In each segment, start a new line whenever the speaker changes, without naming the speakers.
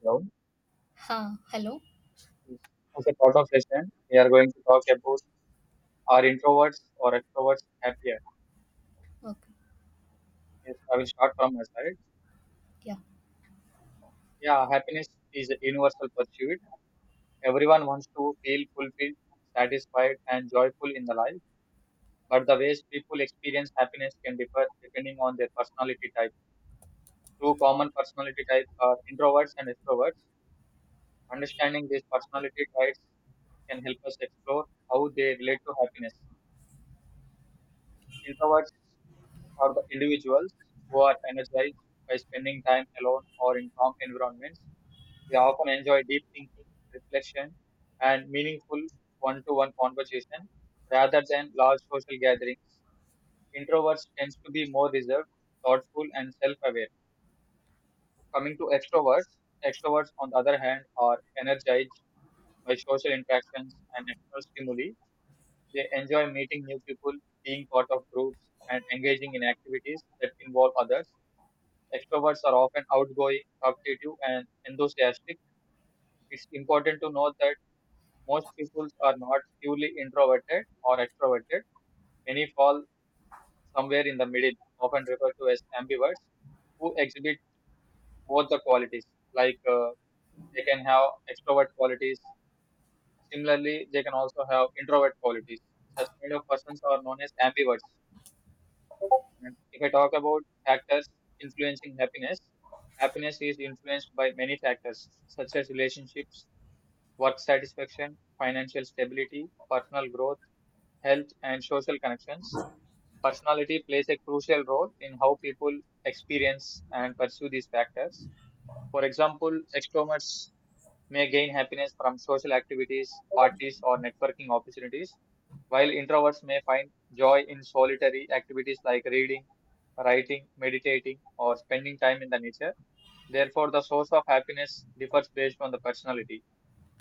Hello.
Huh, hello.
As a part of session, we are going to talk about are introverts or extroverts happier.
Okay.
Yes, I will start from my side.
Yeah.
Yeah, happiness is a universal pursuit. Everyone wants to feel fulfilled, satisfied, and joyful in the life. But the ways people experience happiness can differ depending on their personality type. Two common personality types are introverts and extroverts. Understanding these personality types can help us explore how they relate to happiness. Introverts are the individuals who are energized by spending time alone or in calm environments. They often enjoy deep thinking, reflection, and meaningful one to one conversation rather than large social gatherings. Introverts tend to be more reserved, thoughtful, and self aware. Coming to extroverts, extroverts, on the other hand, are energized by social interactions and external stimuli. They enjoy meeting new people, being part of groups, and engaging in activities that involve others. Extroverts are often outgoing, talkative, and enthusiastic. It's important to note that most people are not purely introverted or extroverted. Many fall somewhere in the middle, often referred to as ambiverts, who exhibit both the qualities. Like uh, they can have extrovert qualities. Similarly, they can also have introvert qualities. Such kind of persons are known as ambiverts. And if I talk about factors influencing happiness, happiness is influenced by many factors such as relationships, work satisfaction, financial stability, personal growth, health, and social connections. Personality plays a crucial role in how people experience and pursue these factors. For example, extroverts may gain happiness from social activities, parties, or networking opportunities, while introverts may find joy in solitary activities like reading, writing, meditating, or spending time in the nature. Therefore, the source of happiness differs based on the personality,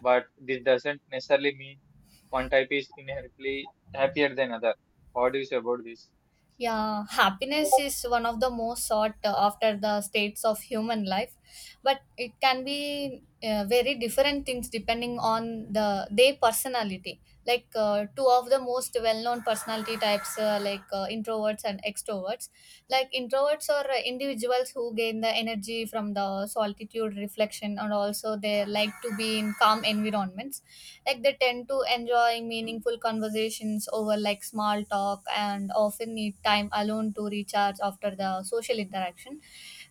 but this doesn't necessarily mean one type is inherently happier than other. What do you say about this?
Yeah, happiness is one of the most sought after the states of human life, but it can be very different things depending on the their personality. Two of the most well-known personality types, introverts and extroverts. Like introverts are individuals who gain the energy from the solitude reflection, and also they like to be in calm environments like they tend to enjoy meaningful conversations over like small talk and often need time alone to recharge after the social interaction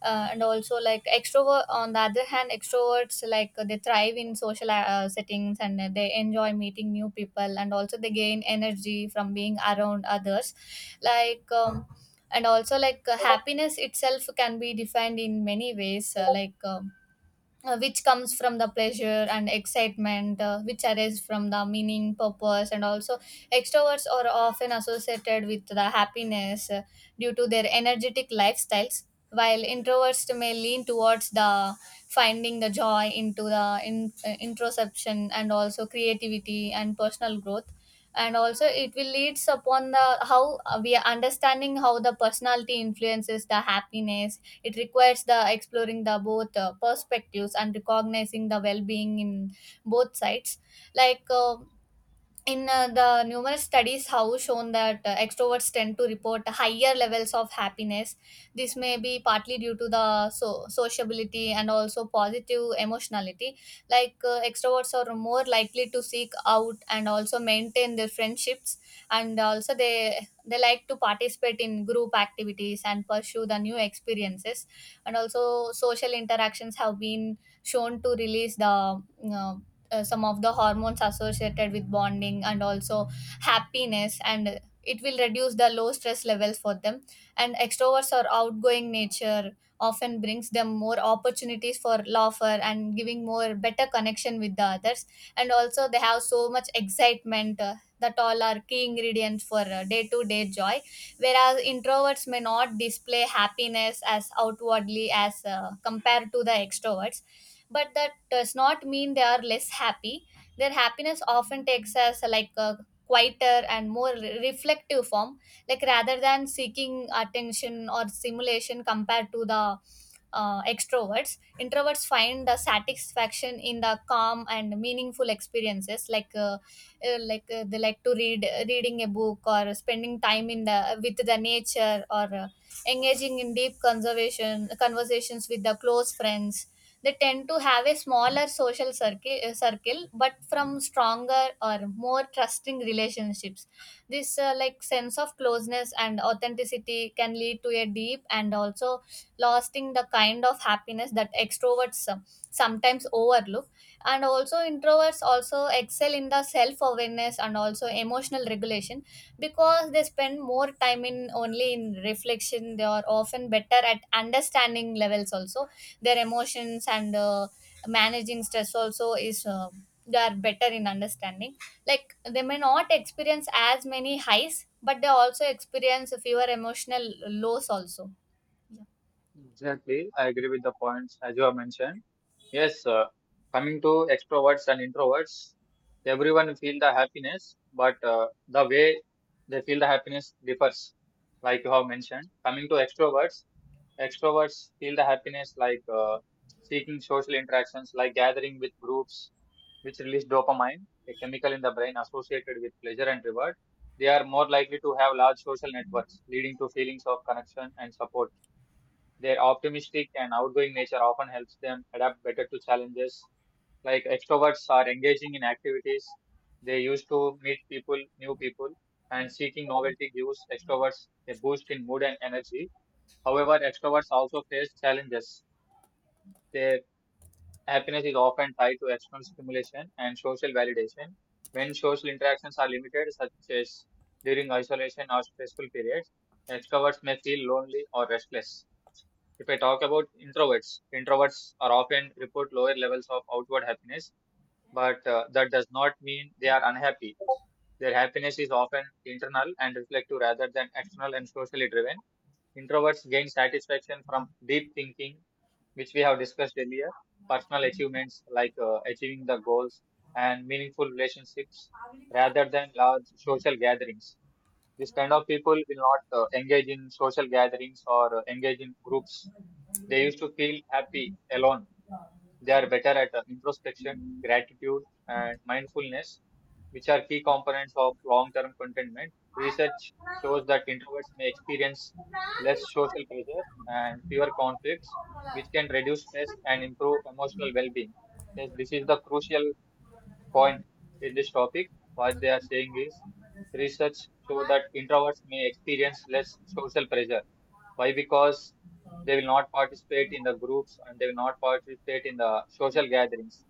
uh, and also like extrovert on the other hand extroverts like they thrive in social settings and they enjoy meeting new people and also they gain energy from being around others like um, and also happiness itself can be defined in many ways which comes from the pleasure and excitement which arise from the meaning purpose and also extroverts are often associated with the happiness due to their energetic lifestyles while introverts may lean towards the finding the joy into the introspection and also creativity and personal growth and also it will leads upon the how we are understanding how the personality influences the happiness it requires the exploring the both perspectives and recognizing the well-being in both sides. Like in the numerous studies have shown that extroverts tend to report higher levels of happiness. This may be partly due to the so- sociability and also positive emotionality. Extroverts are more likely to seek out and also maintain their friendships, and also they like to participate in group activities and pursue the new experiences, and also social interactions have been shown to release the uh, some of the hormones associated with bonding and also happiness, and it will reduce the low stress levels for them. And extroverts or outgoing nature often brings them more opportunities for laughter and giving more better connection with the others, and also they have so much excitement that all are key ingredients for day to day joy. Whereas introverts may not display happiness as outwardly as compared to the extroverts, but that does not mean they are less happy. Their happiness often takes as like a quieter and more re- reflective form, like rather than seeking attention or stimulation compared to the extroverts. Introverts find the satisfaction in the calm and meaningful experiences, they like to read reading a book or spending time in the with the nature or engaging in deep conservation conversations with the close friends. They tend to have a smaller social circle, but from stronger or more trusting relationships. This like sense of closeness and authenticity can lead to a deep and also lasting the kind of happiness that extroverts sometimes overlook. And also introverts also excel in the self awareness and also emotional regulation. Because they spend more time in only in reflection, they are often better at understanding levels also their emotions, and managing stress also is they are better in understanding. Like they may not experience as many highs, but they also experience fewer emotional lows also. Yeah.
Exactly, I agree with the points as you have mentioned. Yes, coming to extroverts and introverts, everyone feel the happiness, but the way they feel the happiness differs, like you have mentioned. Coming to extroverts, extroverts feel the happiness like seeking social interactions, like gathering with groups, which release dopamine, a chemical in the brain associated with pleasure and reward. They are more likely to have large social networks, leading to feelings of connection and support. Their optimistic and outgoing nature often helps them adapt better to challenges. Like extroverts are engaging in activities, they used to meet people, new people, and seeking novelty gives extroverts a boost in mood and energy. However, extroverts also face challenges. Their happiness is often tied to external stimulation and social validation. When social interactions are limited, such as during isolation or stressful periods, extroverts may feel lonely or restless. If I talk about introverts, introverts are often report lower levels of outward happiness, but that does not mean they are unhappy. Their happiness is often internal and reflective rather than external and socially driven. Introverts gain satisfaction from deep thinking, which we have discussed earlier, personal achievements like achieving the goals and meaningful relationships rather than large social gatherings. This kind of people will not engage in social gatherings or engage in groups, they used to feel happy alone. They are better at introspection, gratitude, and mindfulness, which are key components of long term contentment. Research shows that introverts may experience less social pressure and fewer conflicts, which can reduce stress and improve emotional well being. Yes, this is the crucial point in this topic. What they are saying is research show that introverts may experience less social pressure. Why? Because they will not participate in the groups and they will not participate in the social gatherings.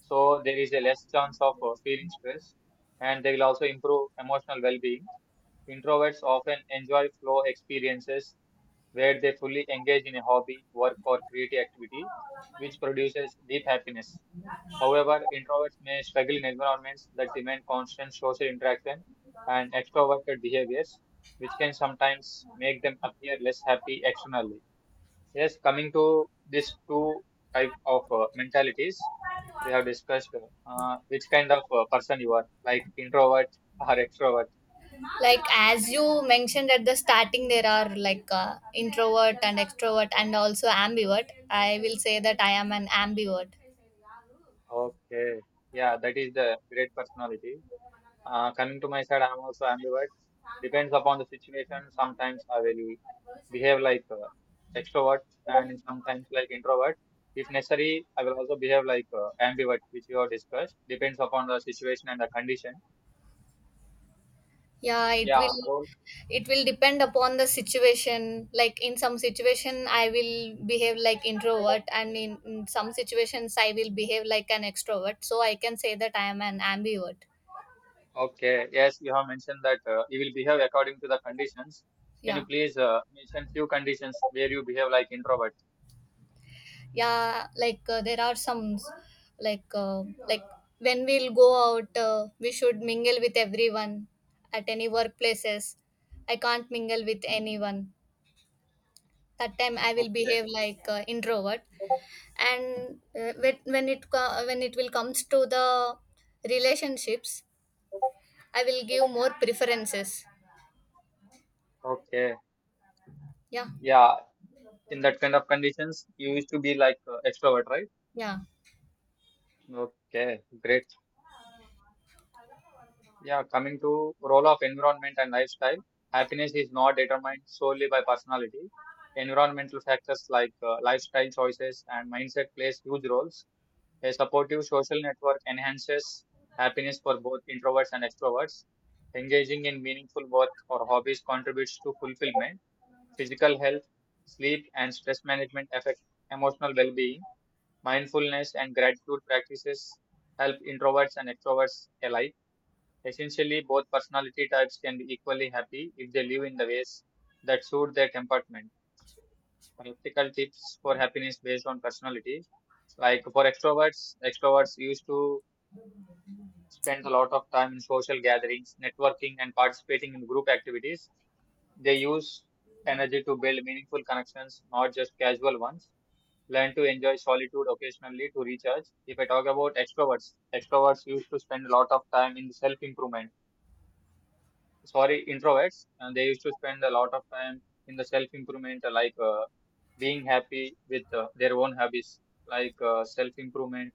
So there is a less chance of feeling stress and they will also improve emotional well-being. Introverts often enjoy flow experiences where they fully engage in a hobby, work, or creative activity, which produces deep happiness. However, introverts may struggle in environments that demand constant social interaction and extroverted behaviors, which can sometimes make them appear less happy externally. Yes, coming to these two type of mentalities we have discussed, which kind of person you are, like introvert or extrovert.
Like as you mentioned at the starting, there are introvert and extrovert and also ambivert. I will say that I am an ambivert.
Okay, yeah, that is the great personality. Coming to my side, I'm also ambivert. Depends upon the situation. Sometimes I will behave like extrovert, and sometimes like introvert. If necessary, I will also behave like ambivert, which you have discussed. Depends upon the situation and the condition.
Yeah, it
Yeah.
will
Role.
it will depend upon the situation. Like in some situation I will behave like introvert, and in some situations I will behave like an extrovert, so I can say that I am an ambivert.
Okay. Yes, you have mentioned that you will behave according to the conditions. Can
Yeah.
you please mention few conditions where you behave like introvert?
Yeah, there are some, like uh, like when we'll go out, we should mingle with everyone. At any workplaces I can't mingle with anyone, that time I will
Okay.
behave like introvert. And when it will comes to the relationships, I will give more preferences.
Okay.
Yeah.
Yeah. In that kind of conditions, you used to be like extrovert, right?
Yeah.
Okay, great. Yeah, coming to role of environment and lifestyle, happiness is not determined solely by personality. Environmental factors like lifestyle choices and mindset plays huge roles. A supportive social network enhances happiness for both introverts and extroverts. Engaging in meaningful work or hobbies contributes to fulfillment. Physical health, sleep, and stress management affect emotional well-being. Mindfulness and gratitude practices help introverts and extroverts alike. Essentially, both personality types can be equally happy if they live in the ways that suit their temperament. Practical tips for happiness based on personality. Like for extroverts, extroverts used to spend a lot of time in social gatherings, networking, and participating in group activities. They use energy to build meaningful connections, not just casual ones. Learn to enjoy solitude occasionally to recharge. If I talk about extroverts, extroverts used to spend a lot of time in self improvement, sorry introverts, and they used to spend a lot of time in the self improvement, like being happy with their own hobbies, like self improvement,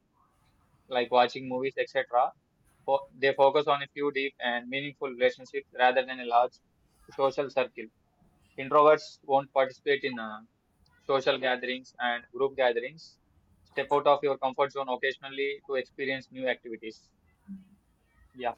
like watching movies, etc. They focus on a few deep and meaningful relationships rather than a large social circle. Introverts won't participate in social gatherings and group gatherings. Step out of your comfort zone occasionally to experience new activities. Yeah.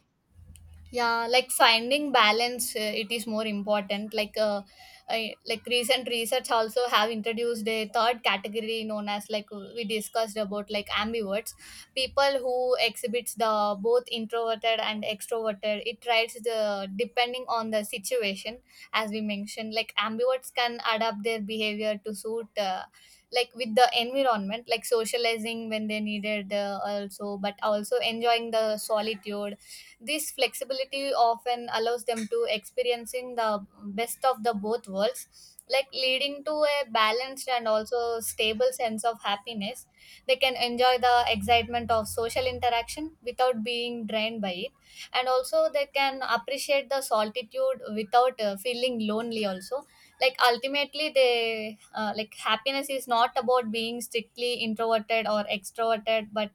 Yeah, like finding balance, it is more important. Like recent research also have introduced a third category known as we discussed about like ambiverts, people who exhibits the both introverted and extroverted. It tries the depending on the situation. As we mentioned, like ambiverts can adapt their behavior to suit like with the environment, like socializing when they needed also, but also enjoying the solitude. This flexibility often allows them to experiencing the best of the both worlds, like leading to a balanced and also stable sense of happiness. They can enjoy the excitement of social interaction without being drained by it, and also they can appreciate the solitude without feeling lonely also. Like ultimately they like happiness is not about being strictly introverted or extroverted, but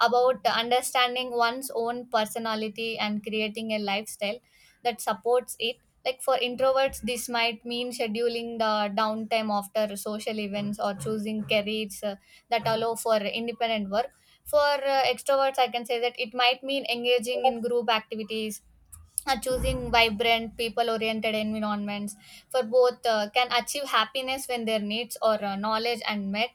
about understanding one's own personality and creating a lifestyle that supports it. Like for introverts, this might mean scheduling the downtime after social events or choosing careers that allow for independent work. For extroverts, I can say that it might mean engaging in group activities are choosing vibrant people oriented environments. For both, can achieve happiness when their needs or knowledge and met.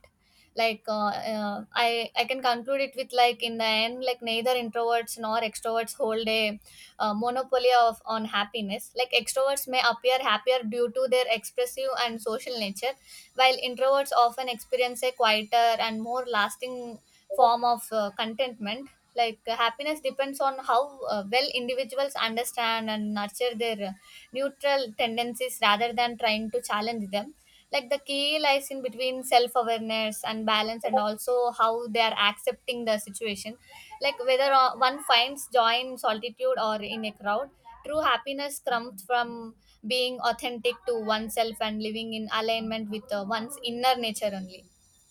I can conclude it with like in the end, like neither introverts nor extroverts hold a monopoly of on happiness. Like extroverts may appear happier due to their expressive and social nature, while introverts often experience a quieter and more lasting form of contentment. Happiness depends on how well individuals understand and nurture their neutral tendencies rather than trying to challenge them. Like the key lies in between self awareness and balance, and also how they are accepting the situation. Like whether one finds joy in solitude or in a crowd, true happiness comes from being authentic to oneself and living in alignment with one's inner nature only.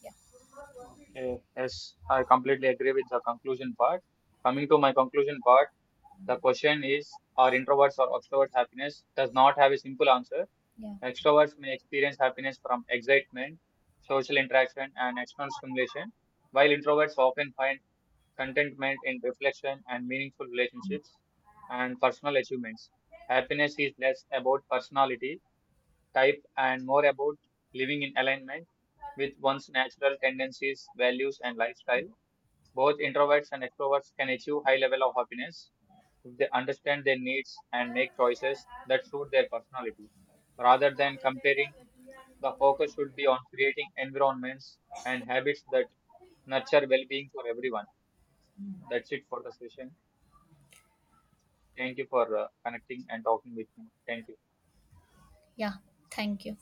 Yeah.
Okay, yes, I completely agree with the conclusion part. Coming to my conclusion part, the question is, are introverts or extroverts happiness, does not have a simple answer.
Yeah.
Extroverts may experience happiness from excitement, social interaction, and external stimulation, while introverts often find contentment in reflection and meaningful relationships and personal achievements. Happiness is less about personality type, and more about living in alignment with one's natural tendencies, values, and lifestyle. Both introverts and extroverts can achieve high level of happiness if they understand their needs and make choices that suit their personality. Rather than comparing, the focus should be on creating environments and habits that nurture well-being for everyone. That's it for the session. Thank you for connecting and talking with me. Thank you.
Yeah, thank you.